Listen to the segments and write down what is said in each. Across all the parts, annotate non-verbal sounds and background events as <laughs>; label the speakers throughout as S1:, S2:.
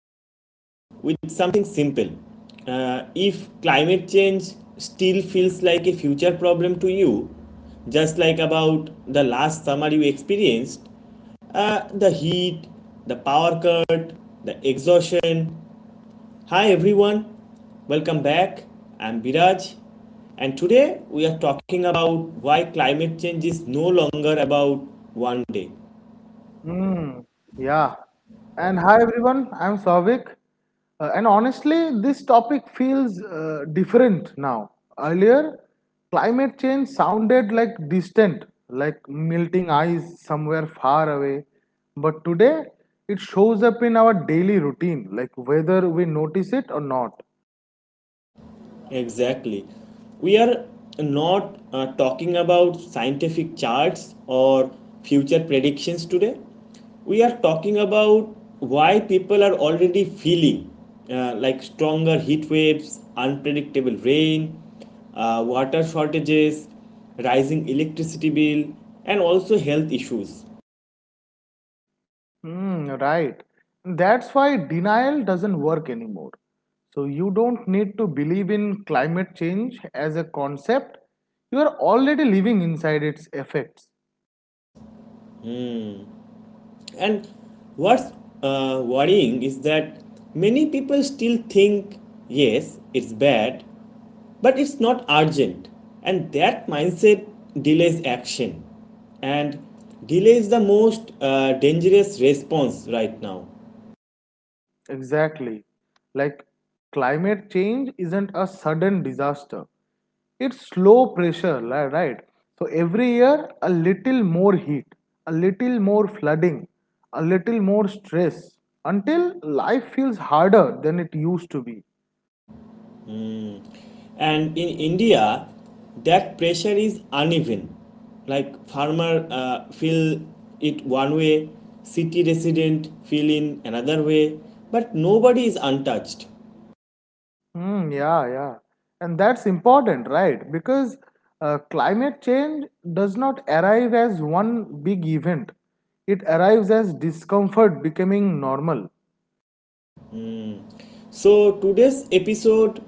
S1: today with something simple. If climate change still feels like a future problem to you, just like about the last summer you experienced, the heat, the power cut, the exhaustion. Hi everyone, welcome back. I'm Biraj, and today we are talking about why climate change is no longer about one day.
S2: Hmm. yeah. And hi everyone, I'm Savik. And honestly, this topic feels different now. Earlier, climate change sounded like distant, like melting ice somewhere far away. But today, it shows up in our daily routine, like whether we notice it or not.
S1: Exactly. We are not talking about scientific charts or future predictions today. We are talking about why people are already feeling like stronger heat waves, unpredictable rain, water shortages, rising electricity bill, and also health issues.
S2: Mm, right. That's why denial doesn't work anymore. So you don't need to believe in climate change as a concept. You are already living inside its effects.
S1: And what's worrying is that many people still think, yes, it's bad, but it's not urgent, and that mindset delays action. And delay is the most dangerous response right now.
S2: Exactly. Like climate change isn't a sudden disaster. It's slow pressure, right? So every year, a little more heat, a little more flooding, a little more stress until life feels harder than it used to be.
S1: And in India, that pressure is uneven. Like farmer feel it one way, city resident feel in another way, but nobody is untouched.
S2: Yeah, yeah. And that's important, right? Because climate change does not arrive as one big event. It arrives as discomfort becoming normal.
S1: So today's episode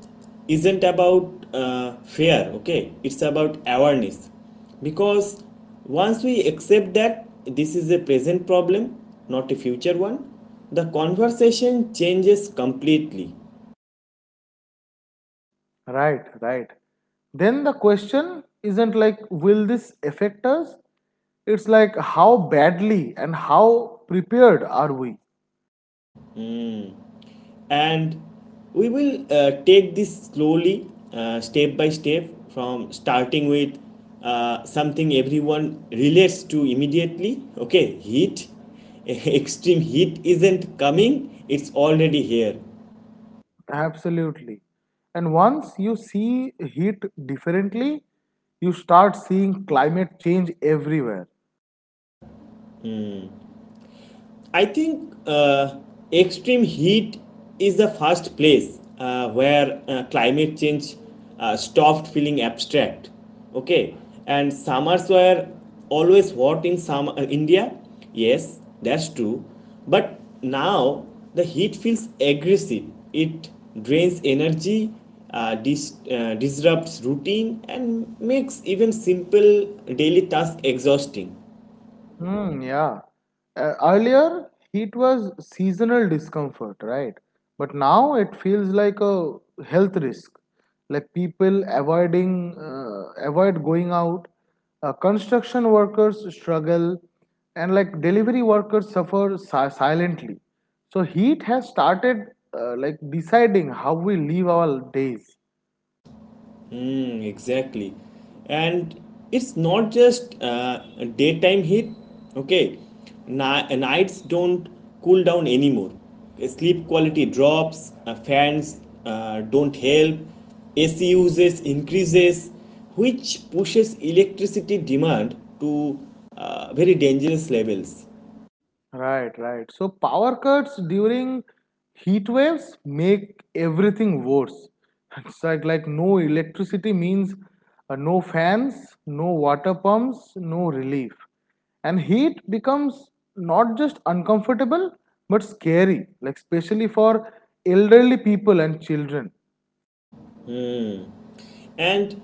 S1: isn't about fear, okay? It's about awareness. Because once we accept that this is a present problem, not a future one, the conversation changes completely.
S2: Right, right. Then the question isn't like, will this affect us? It's like, how badly and how prepared are we?
S1: And we will take this slowly step by step, from starting with something everyone relates to immediately, okay? Heat. <laughs> Extreme heat isn't coming, it's already here.
S2: Absolutely. And once you see heat differently, you start seeing climate change everywhere.
S1: I think extreme heat is the first place where climate change stopped feeling abstract. Okay, and summers were always hot in summer India. Yes, that's true. But now the heat feels aggressive. It drains energy, disrupts routine, and makes even simple daily tasks exhausting.
S2: Hmm, yeah. Earlier, heat was seasonal discomfort, right? But now it feels like a health risk. Like people avoid going out. Construction workers struggle, and like delivery workers suffer silently. So heat has started like deciding how we live our days.
S1: Mm, exactly. And it's not just a daytime heat, okay? Nights don't cool down anymore. Sleep quality drops, fans don't help, AC usage increases, which pushes electricity demand to very dangerous levels.
S2: Right, right. So power cuts during heat waves make everything worse. <laughs> It's like no electricity means no fans, no water pumps, no relief. And heat becomes not just uncomfortable but scary, like especially for elderly people and children.
S1: And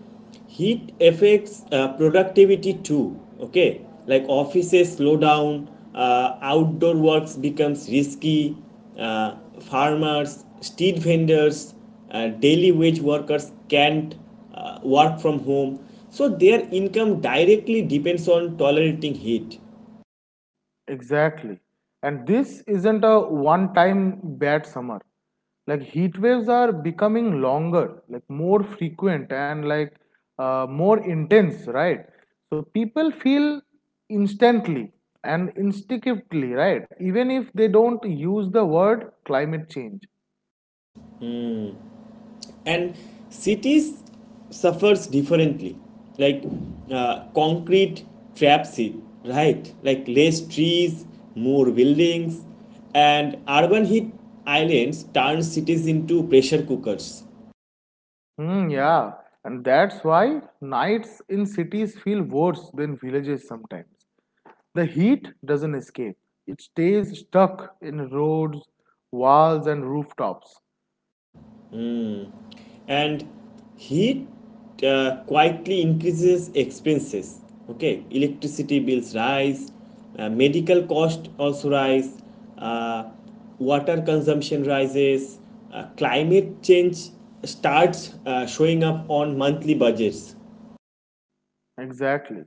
S1: heat affects productivity too, okay? Like offices slow down, outdoor works becomes risky, uh, farmers, street vendors, daily wage workers can't work from home, so their income directly depends on tolerating heat.
S2: Exactly. And this isn't a one time bad summer. Like heat waves are becoming longer, like more frequent and more intense, right? So people feel instantly and instinctively, right? Even if they don't use the word climate change.
S1: And cities suffers differently, like concrete traps it, right? Like less trees, more buildings, and urban heat islands turn cities into pressure cookers.
S2: Hmm, yeah. And that's why nights in cities feel worse than villages sometimes. The heat doesn't escape, it stays stuck in roads, walls, and rooftops.
S1: And heat quietly increases expenses, okay? Electricity bills rise, medical cost also rise, uh, water consumption rises, climate change starts showing up on monthly budgets.
S2: Exactly.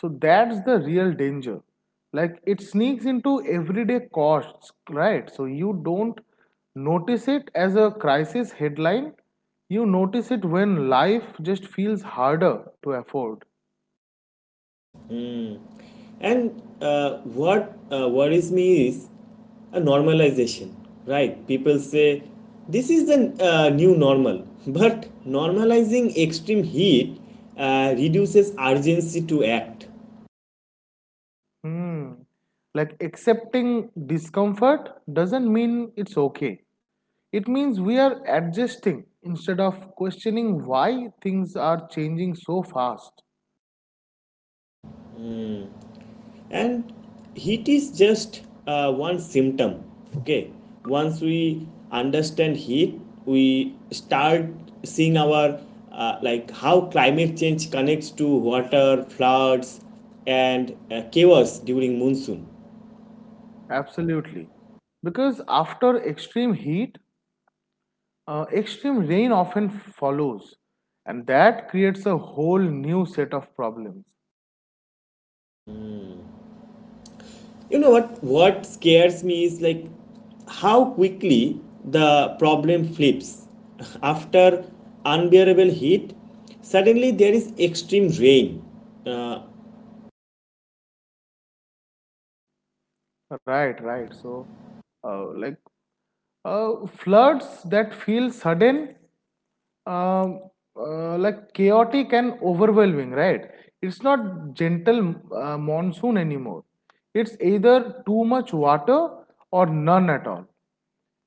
S2: So that's the real danger. Like it sneaks into everyday costs, right? So you don't notice it as a crisis headline, you notice it when life just feels harder to afford.
S1: And what worries me is a normalization, right? People say this is the new normal, <laughs> but normalizing extreme heat reduces urgency to act.
S2: Hmm. Like accepting discomfort doesn't mean it's okay. It means we are adjusting instead of questioning why things are changing so fast.
S1: And heat is just one symptom, okay? Once we understand heat, we start seeing our like how climate change connects to water, floods, and chaos during monsoon.
S2: Absolutely. Because after extreme heat, extreme rain often follows, and that creates a whole new set of problems.
S1: You know what scares me is like how quickly the problem flips. <laughs> After unbearable heat, suddenly there is extreme rain. uh,
S2: Right, right. So, uh, like floods that feel sudden, um, like chaotic and overwhelming, right? It's not gentle monsoon anymore. It's either too much water or none at all.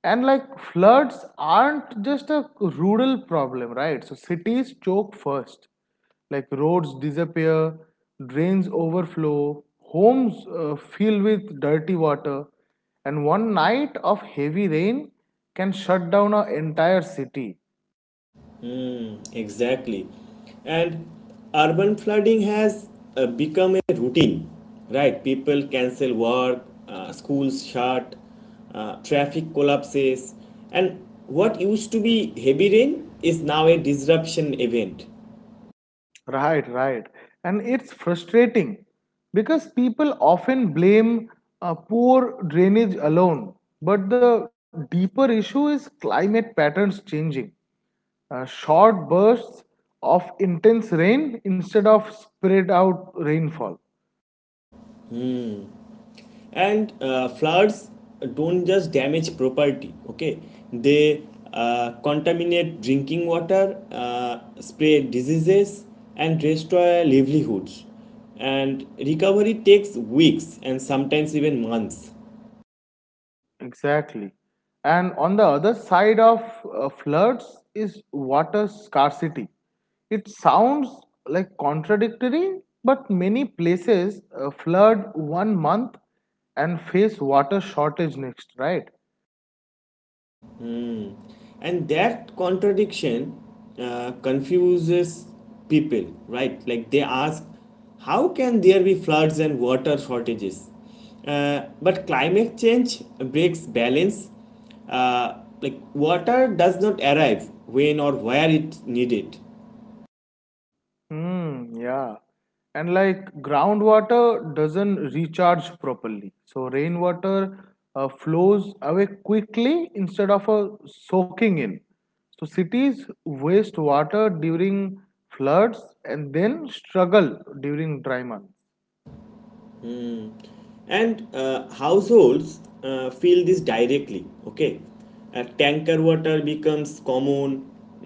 S2: And like floods aren't just a rural problem, right? So cities choke first. Like roads disappear, drains overflow, homes fill with dirty water, and one night of heavy rain can shut down an entire city.
S1: Exactly. And urban flooding has become a routine, right? People cancel work, schools shut, traffic collapses, and what used to be heavy rain is now a disruption event.
S2: Right, right. And it's frustrating because people often blame poor drainage alone. But the deeper issue is climate patterns changing. Short bursts of intense rain instead of spread out rainfall.
S1: And floods don't just damage property, okay? They contaminate drinking water, spread diseases, and destroy livelihoods, and recovery takes weeks and sometimes even months.
S2: Exactly. And on the other side of floods is water scarcity. It sounds like contradictory, but many places flood one month and face water shortage next, right?
S1: And that contradiction confuses people, right? Like they ask, how can there be floods and water shortages? But climate change breaks balance, uh, like water does not arrive when or where it needed.
S2: Hmm, yeah. And like groundwater doesn't recharge properly. So rainwater flows away quickly instead of soaking in. So cities waste water during floods and then struggle during dry months.
S1: And households feel this directly, okay? Tanker water becomes common,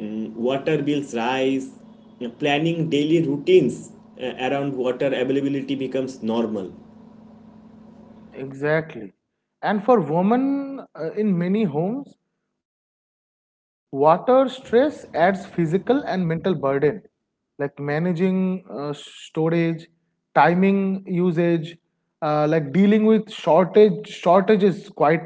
S1: mm, water bills rise, planning daily routines around water availability becomes normal.
S2: Exactly. And for women in many homes, water stress adds physical and mental burden, like managing storage, timing usage, like dealing with shortages quietly.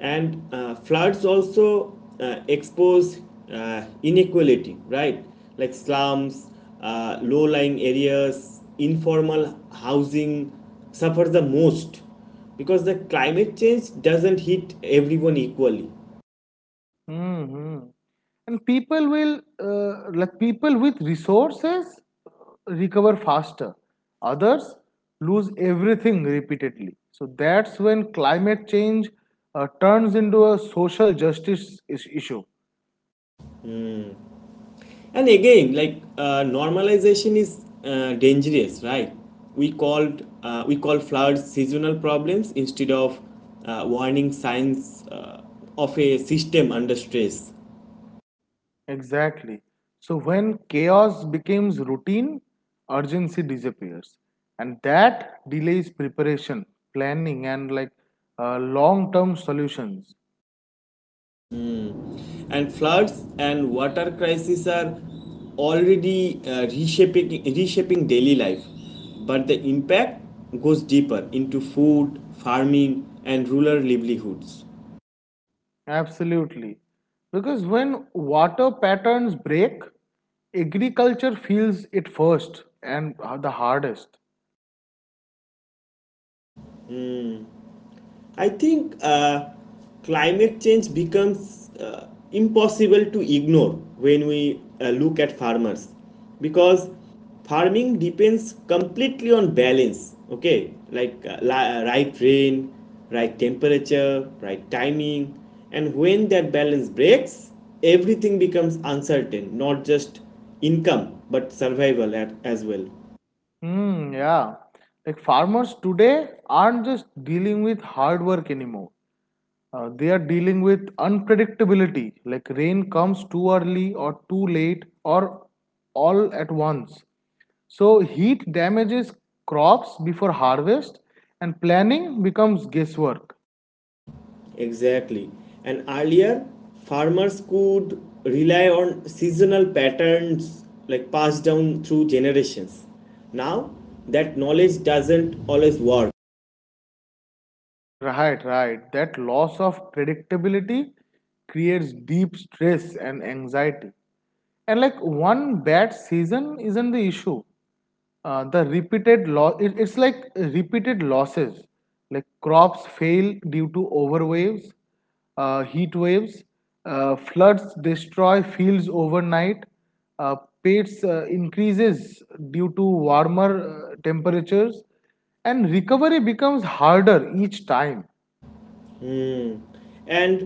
S1: And floods also expose inequality, right? Like slums, low-lying areas, informal housing suffer the most because the climate change doesn't hit everyone equally.
S2: Hmm, hmm. And like people with resources, uh, recover faster. Others lose everything repeatedly. So that's when climate change turns into a social justice issue.
S1: And again, like normalization is dangerous, right? We call floods seasonal problems instead of warning signs of a system under stress.
S2: Exactly. So when chaos becomes routine, urgency disappears, and that delays preparation, planning, and long-term solutions.
S1: And floods and water crises are already reshaping daily life, but the impact goes deeper into food, farming, and rural livelihoods.
S2: Absolutely. Because when water patterns break, agriculture feels it first and the hardest.
S1: I think climate change becomes impossible to ignore when we look at farmers, because farming depends completely on balance, okay? Like right rain, right temperature, right timing. And when that balance breaks, everything becomes uncertain, not just income but survival at, as well.
S2: Hmm, yeah. Like farmers today aren't just dealing with hard work anymore. They are dealing with unpredictability, like rain comes too early or too late or all at once. So, heat damages crops before harvest, and planning becomes guesswork.
S1: Exactly. And earlier, farmers could rely on seasonal patterns like passed down through generations. Now, that knowledge doesn't always work.
S2: Right, right. That loss of predictability creates deep stress and anxiety. And like one bad season isn't the issue. The repeated loss, it's like repeated losses. Like crops fail due to overwaves, heat waves, floods destroy fields overnight, uh, pests increases due to warmer temperatures, and recovery becomes harder each time.
S1: And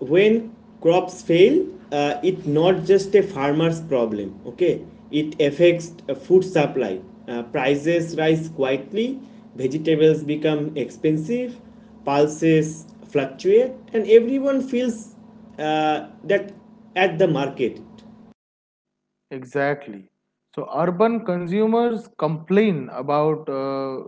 S1: when crops fail, it not just a farmer's problem, okay? It affects food supply, prices rise quietly, vegetables become expensive, pulses fluctuate, and everyone feels that at the market.
S2: Exactly. So urban consumers complain about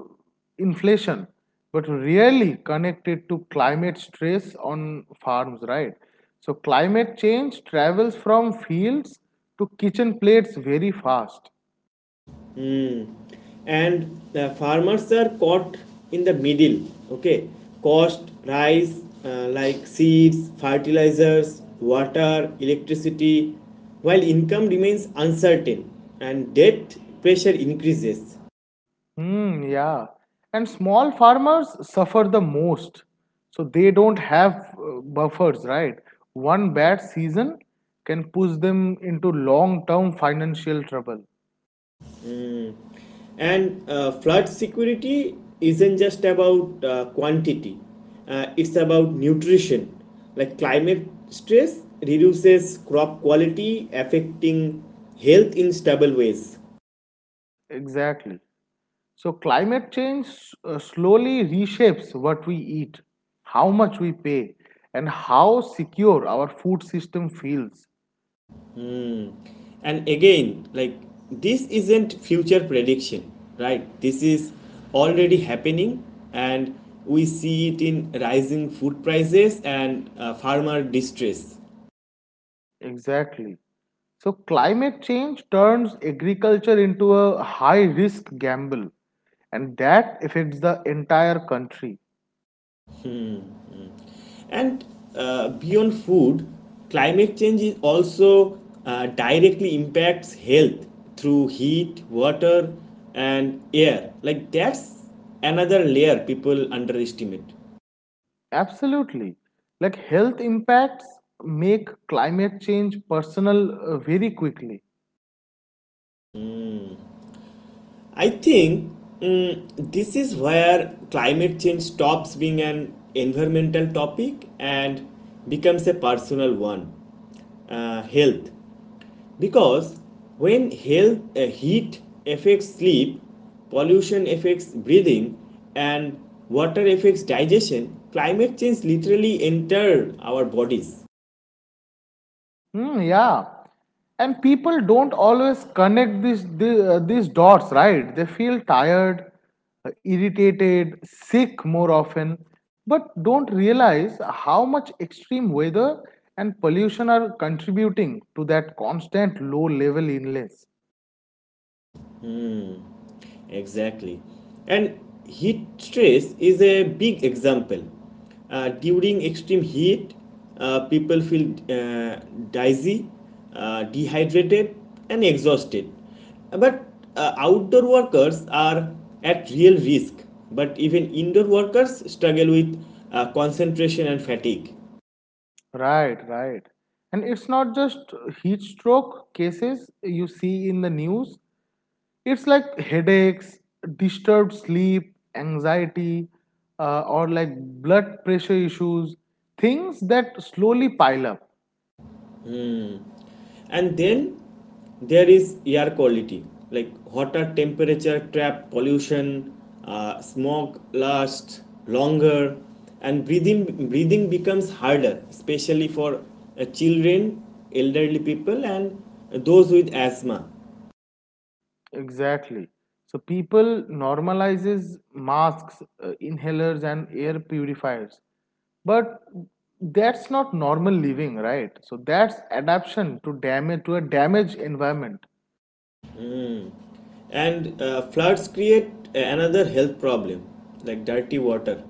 S2: inflation, but really connected to climate stress on farms, right? So climate change travels from fields to kitchen plates very fast.
S1: And the farmers are caught in the middle, okay? Cost rise, like seeds, fertilizers, water, electricity, while income remains uncertain and debt pressure increases.
S2: Hmm, yeah. And small farmers suffer the most. So they don't have buffers, right? One bad season can push them into long term financial trouble.
S1: And flood security isn't just about quantity, it's about nutrition, like climate stress reduces crop quality, affecting health in stable ways.
S2: Exactly. So, climate change slowly reshapes what we eat, how much we pay, and how secure our food system feels.
S1: Mm. And again, like this isn't future prediction, right? This is already happening, and we see it in rising food prices and farmer distress.
S2: Exactly. So, climate change turns agriculture into a high risk gamble, and that affects the entire country.
S1: And beyond food, climate change is also directly impacts health through heat, water, and air. Like that's another layer people underestimate.
S2: Absolutely. Like, health impacts make climate change personal very quickly.
S1: I think mm, this is where climate change stops being an environmental topic and becomes a personal one, health. Because when health, heat affects sleep, pollution affects breathing, and water affects digestion, climate change literally enters our bodies.
S2: Hmm, yeah. And people don't always connect these dots, right? They feel tired, irritated, sick more often, but don't realize how much extreme weather and pollution are contributing to that constant low level illness.
S1: Exactly. And heat stress is a big example. During extreme heat, people feel dizzy, dehydrated, and exhausted. But outdoor workers are at real risk. But even indoor workers struggle with concentration and fatigue.
S2: Right, right. And it's not just heat stroke cases you see in the news. It's like headaches, disturbed sleep, anxiety, or like blood pressure issues, things that slowly pile up.
S1: And then there is air quality, like hotter temperature trap pollution, smog lasts longer, and breathing becomes harder, especially for children, elderly people, and those with asthma.
S2: Exactly. So people normalizes masks, inhalers, and air purifiers, but that's not normal living, right? So that's adaptation to damage to a damaged environment.
S1: And floods create another health problem, like dirty water,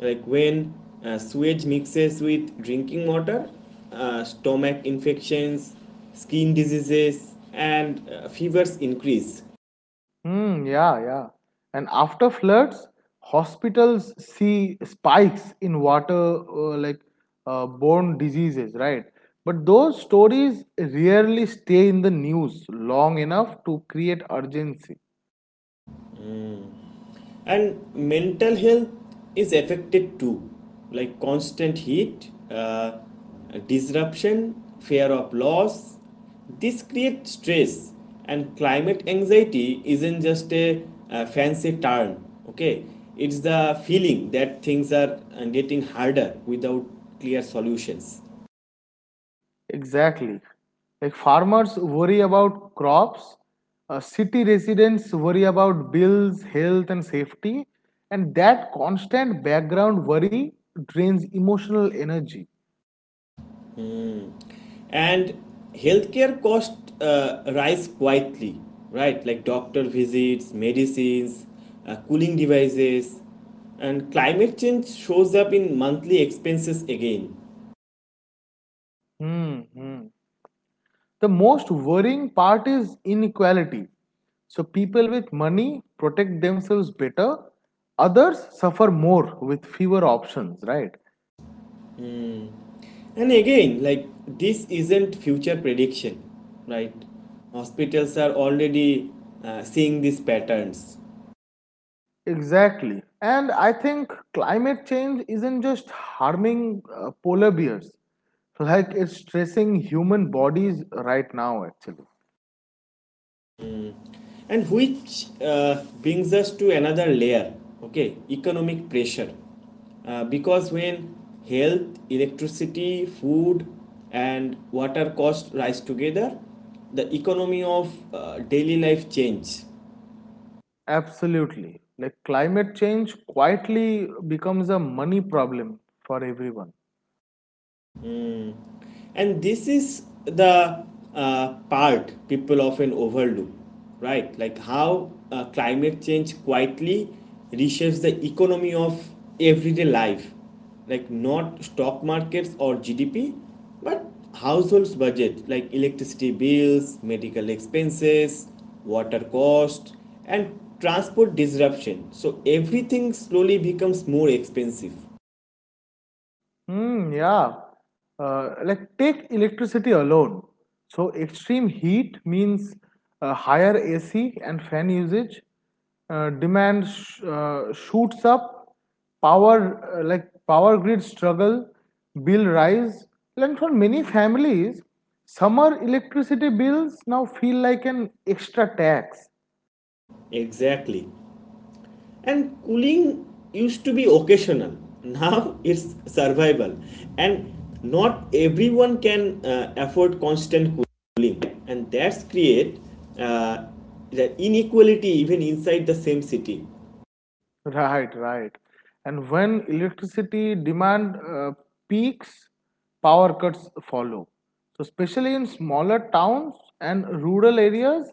S1: like when sewage mixes with drinking water, stomach infections, skin diseases, and fevers increase.
S2: Hmm, yeah, yeah. And after floods, hospitals see spikes in water borne diseases, right? But those stories rarely stay in the news long enough to create urgency.
S1: And mental health is affected too, like constant heat, disruption, fear of loss, this creates stress. And climate anxiety isn't just a fancy term, okay? It's the feeling that things are getting harder without clear solutions.
S2: Exactly. Like farmers worry about crops, city residents worry about bills, health, and safety, and that constant background worry drains emotional energy.
S1: And healthcare costs rise quietly, right? Like doctor visits, medicines, cooling devices, and climate change shows up in monthly expenses again.
S2: Hmm, hmm. The most worrying part is inequality. So people with money protect themselves better, others suffer more with fewer options, right?
S1: And again, like this isn't future prediction, right? Hospitals are already seeing these patterns.
S2: Exactly. And I think climate change isn't just harming polar bears, like it's stressing human bodies right now, actually.
S1: And which brings us to another layer, okay? Economic pressure, because when health, electricity, food, and water cost rise together, the economy of daily life change.
S2: Absolutely. Like climate change quietly becomes a money problem for everyone.
S1: And this is the part people often overlook, right? Like how climate change quietly reshapes the economy of everyday life, like not stock markets or gdp, but households budget, like electricity bills, medical expenses, water cost, and transport disruption, so everything slowly becomes more expensive.
S2: Hmm, yeah. Like take electricity alone. So extreme heat means higher AC and fan usage. Demand shoots up. Power like power grid struggle. Bill rise. And for many families, summer electricity bills now feel like an extra tax.
S1: Exactly. And cooling used to be occasional. Now it's survival. And not everyone can afford constant cooling. And that's create uh, the inequality even inside the same city.
S2: Right, right. And when electricity demand peaks, power cuts follow. So, especially in smaller towns and rural areas,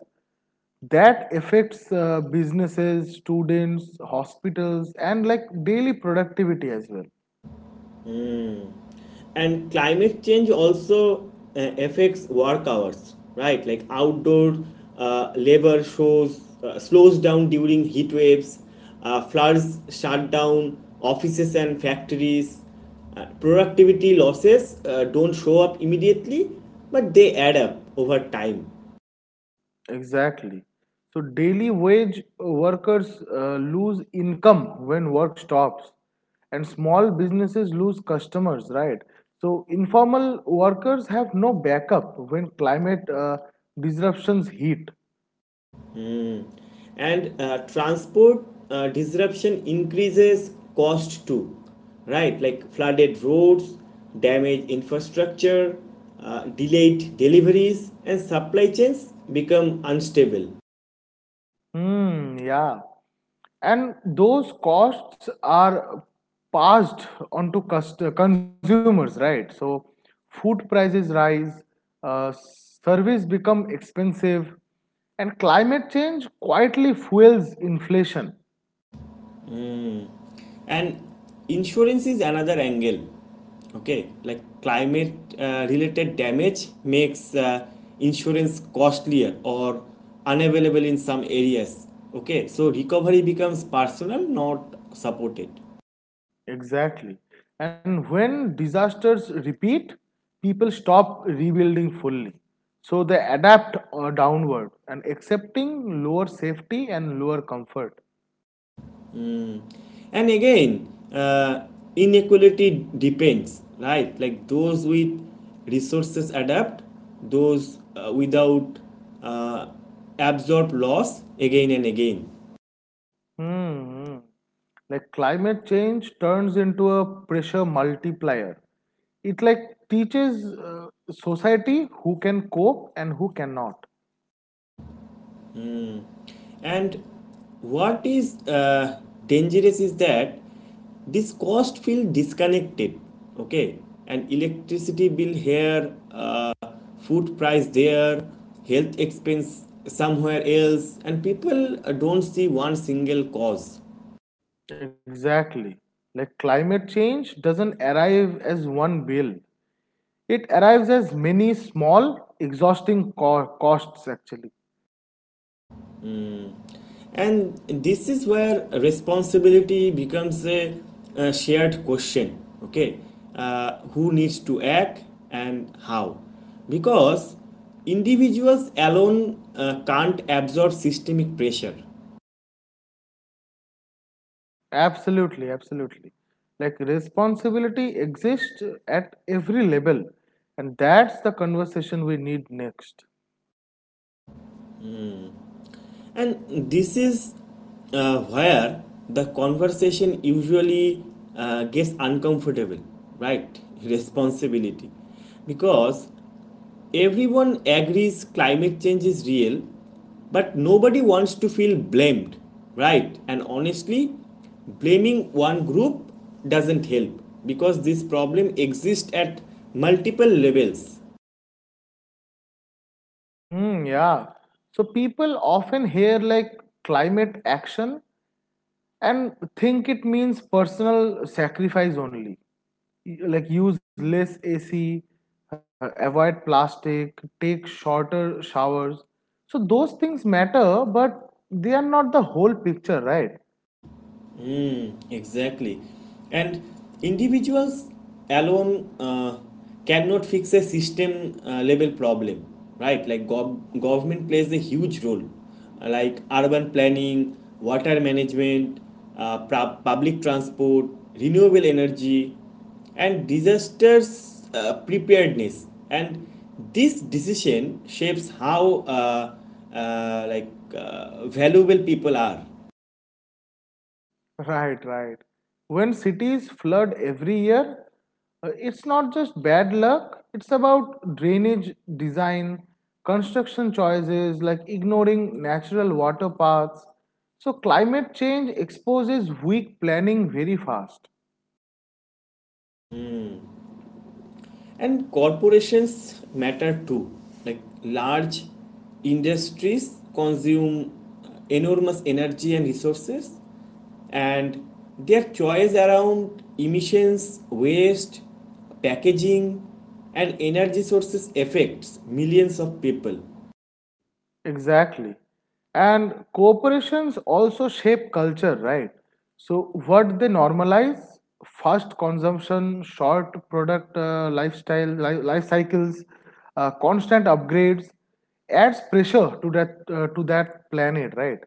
S2: that affects businesses, students, hospitals, and like daily productivity as well.
S1: And climate change also affects work hours, right? Like outdoor labor shows slows down during heat waves, floods shut down offices and factories, productivity losses don't show up immediately, but they add up over time.
S2: Exactly. So daily wage workers lose income when work stops, and small businesses lose customers, right? So informal workers have no backup when climate disruptions hit.
S1: And transport disruption increases cost too, right? Like flooded roads, damaged infrastructure, delayed deliveries, and supply chains become unstable.
S2: Hmm, yeah. And those costs are passed on to consumers, right? So food prices rise, service become expensive, and climate change quietly fuels inflation.
S1: And insurance is another angle, okay? Like climate related damage makes insurance costlier or unavailable in some areas, okay? So recovery becomes personal, not supported.
S2: Exactly. And when disasters repeat, people stop rebuilding fully, so they adapt downward and accepting lower safety and lower comfort.
S1: And again, inequality depends, right? Like those with resources adapt, those without uh, absorb loss again and again.
S2: Hmm, hmm. Like climate change turns into a pressure multiplier. It like teaches society who can cope and who cannot.
S1: And what is dangerous is that this cost feel disconnected, okay? And electricity bill here, food price there, health expense somewhere else, and people don't see one single cause.
S2: Exactly. Like climate change doesn't arrive as one bill. It arrives as many small, exhausting costs actually.
S1: And this is where responsibility becomes a shared question, okay? Who needs to act and how? Because individuals alone can't absorb systemic pressure.
S2: Absolutely, absolutely. Like responsibility exists at every level, and that's the conversation we need next.
S1: And this is where the conversation usually gets uncomfortable, right? Responsibility. Because everyone agrees climate change is real, but nobody wants to feel blamed, right? And honestly, blaming one group doesn't help because this problem exists at multiple levels.
S2: Hmm, yeah. So people often hear like climate action and think it means personal sacrifice only. Like use less AC, avoid plastic, take shorter showers. So those things matter, but they are not the whole picture, right?
S1: Exactly. And individuals alone cannot fix a system level problem, right? Like government plays a huge role, like urban planning, water management, public transport, renewable energy, and disasters preparedness. And this decision shapes how like valuable people are.
S2: Right, right. When cities flood every year, it's not just bad luck, it's about drainage design, construction choices, like ignoring natural water paths. So, climate change exposes weak planning very fast.
S1: And corporations matter too. Like large industries consume enormous energy and resources, and their choice around emissions, waste, packaging, and energy sources affects millions of people.
S2: Exactly. And corporations also shape culture, right? So, what they normalize fast consumption, short life cycles, constant upgrades adds pressure to that planet, right?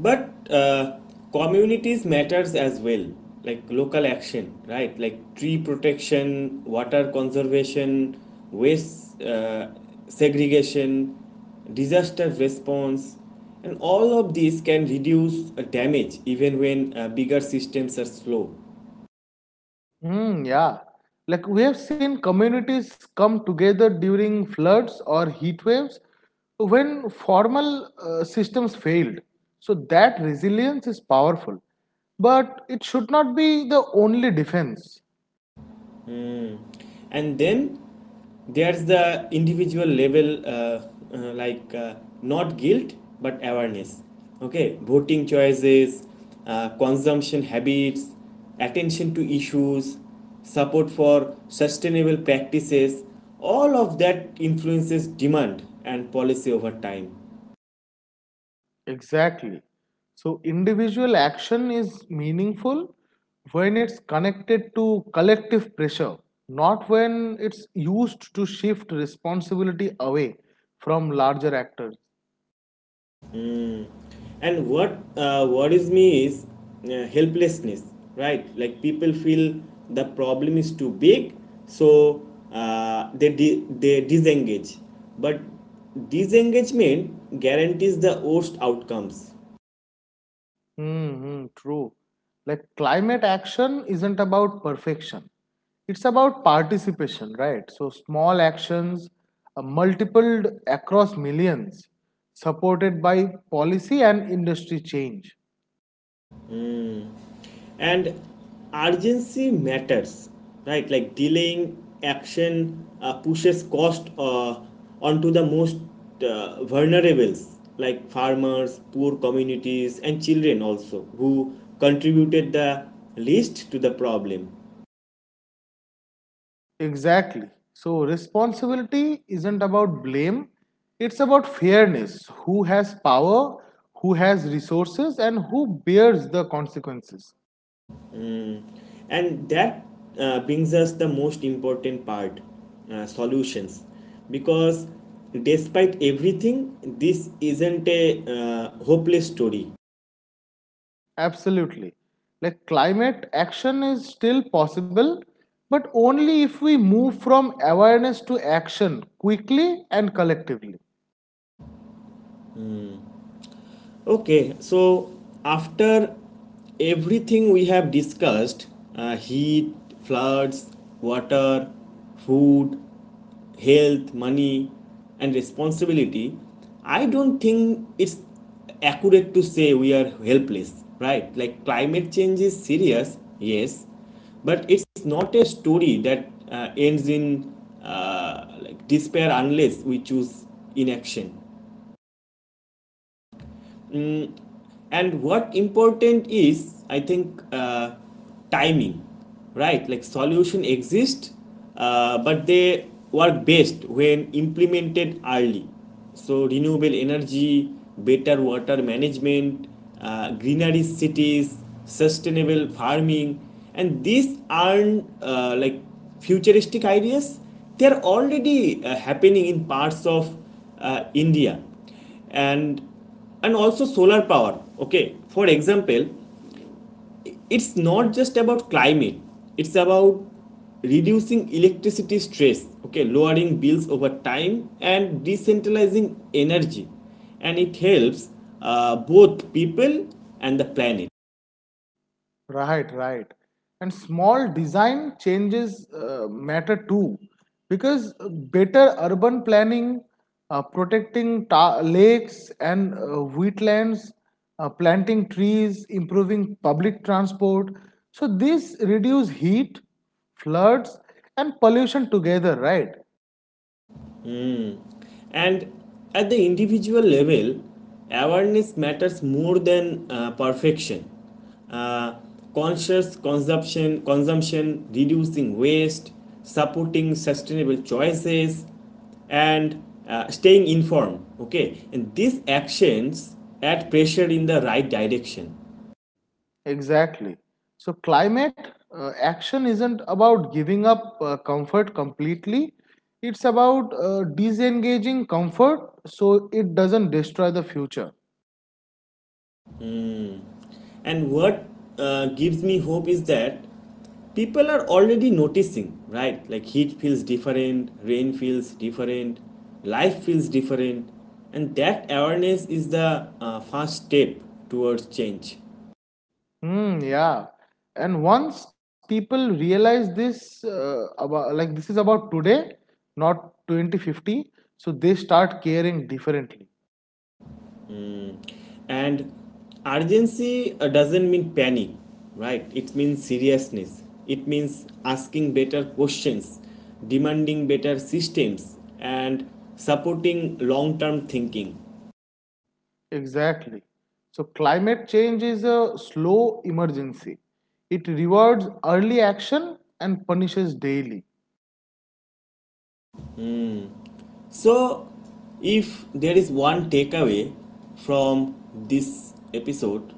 S1: But communities matters as well, like local action, right? Like tree protection, water conservation, waste segregation, disaster response, and all of these can reduce damage even when bigger systems are slow.
S2: Hmm, yeah. Like we have seen communities come together during floods or heat waves when formal systems failed. So that resilience is powerful. But it should not be the only defense.
S1: And then there's the individual level, like not guilt but awareness, okay? Voting choices, consumption habits, attention to issues, support for sustainable practices, all of that influences demand and policy over time.
S2: Exactly. So individual action is meaningful when it's connected to collective pressure, not when it's used to shift responsibility away from larger actors.
S1: And what worries me is helplessness, right? Like people feel the problem is too big, so they di- they disengage, but disengagement guarantees the worst outcomes.
S2: Mm-hmm, true. Like climate action isn't about perfection. It's about participation, right? So small actions multiplied across millions, supported by policy and industry change.
S1: And urgency matters, right? Like delaying action pushes cost onto the most vulnerables, like farmers, poor communities, and children also, who contributed the least to the problem.
S2: Exactly. So responsibility isn't about blame. It's about fairness. Who has power, who has resources, and who bears the consequences.
S1: And that brings us the most important part, solutions, because despite everything this isn't a hopeless story.
S2: Absolutely. Like climate action is still possible, but only if we move from awareness to action quickly and collectively.
S1: Okay, so after everything we have discussed, heat, floods, water, food, health, money, and responsibility, I don't think it's accurate to say we are helpless, right? Like climate change is serious, yes, but it's not a story that ends in like despair unless we choose inaction. And what important is, I think, timing, right? Like solution exist, but they work best when implemented early. So renewable energy, better water management, greenery cities, sustainable farming, and these aren't like futuristic ideas, they're already happening in parts of India. and and also solar power, okay, for example. It's not just about climate, it's about reducing electricity stress, okay, lowering bills over time and decentralizing energy, and it helps both people and the planet.
S2: Right, right. And small design changes matter too, because better urban planning, protecting lakes and wheatlands, planting trees, improving public transport. So this reduce heat, floods, and pollution together, right?
S1: And at the individual level, awareness matters more than perfection. Uh, Conscious consumption, reducing waste, supporting sustainable choices, and staying informed. Okay, and these actions add pressure in the right direction.
S2: Exactly. So, climate action isn't about giving up comfort completely. It's about disengaging comfort so it doesn't destroy the future.
S1: And what gives me hope is that people are already noticing, right? Like heat feels different, rain feels different, life feels different, and that awareness is the first step towards change.
S2: Hmm, yeah. And once people realize like this is about today, not 2050, so they start caring differently.
S1: And urgency doesn't mean panic, right? It means seriousness. It means asking better questions, demanding better systems, and supporting long term thinking.
S2: Exactly. So, climate change is a slow emergency. It rewards early action and punishes daily.
S1: So, if there is one takeaway from this episode,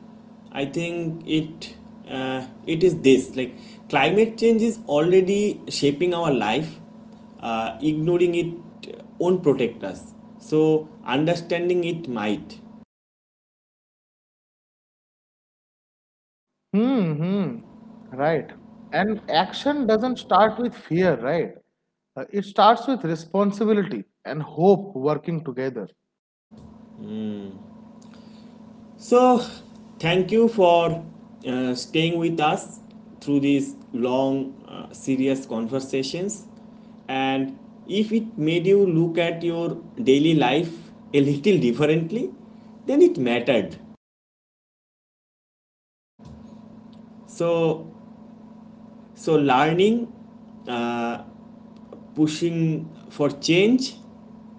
S1: I think it is this: like climate change is already shaping our life. Ignoring it won't protect us. So, understanding it might.
S2: Hmm, hmm. Right. And action doesn't start with fear, right? It starts with responsibility and hope working together.
S1: So, thank you for staying with us through these long, serious conversations. And if it made you look at your daily life a little differently, then it mattered. So, so, learning, uh, pushing for change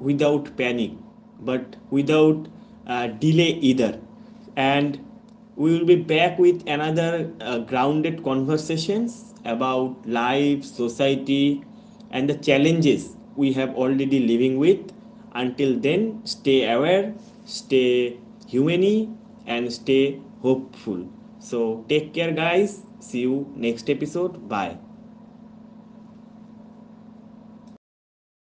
S1: without panic, but without delay either. And we will be back with another grounded conversations about life, society, and the challenges we have already living with. Until then, stay aware, stay humane, and stay hopeful. So take care, guys. See you next episode. Bye.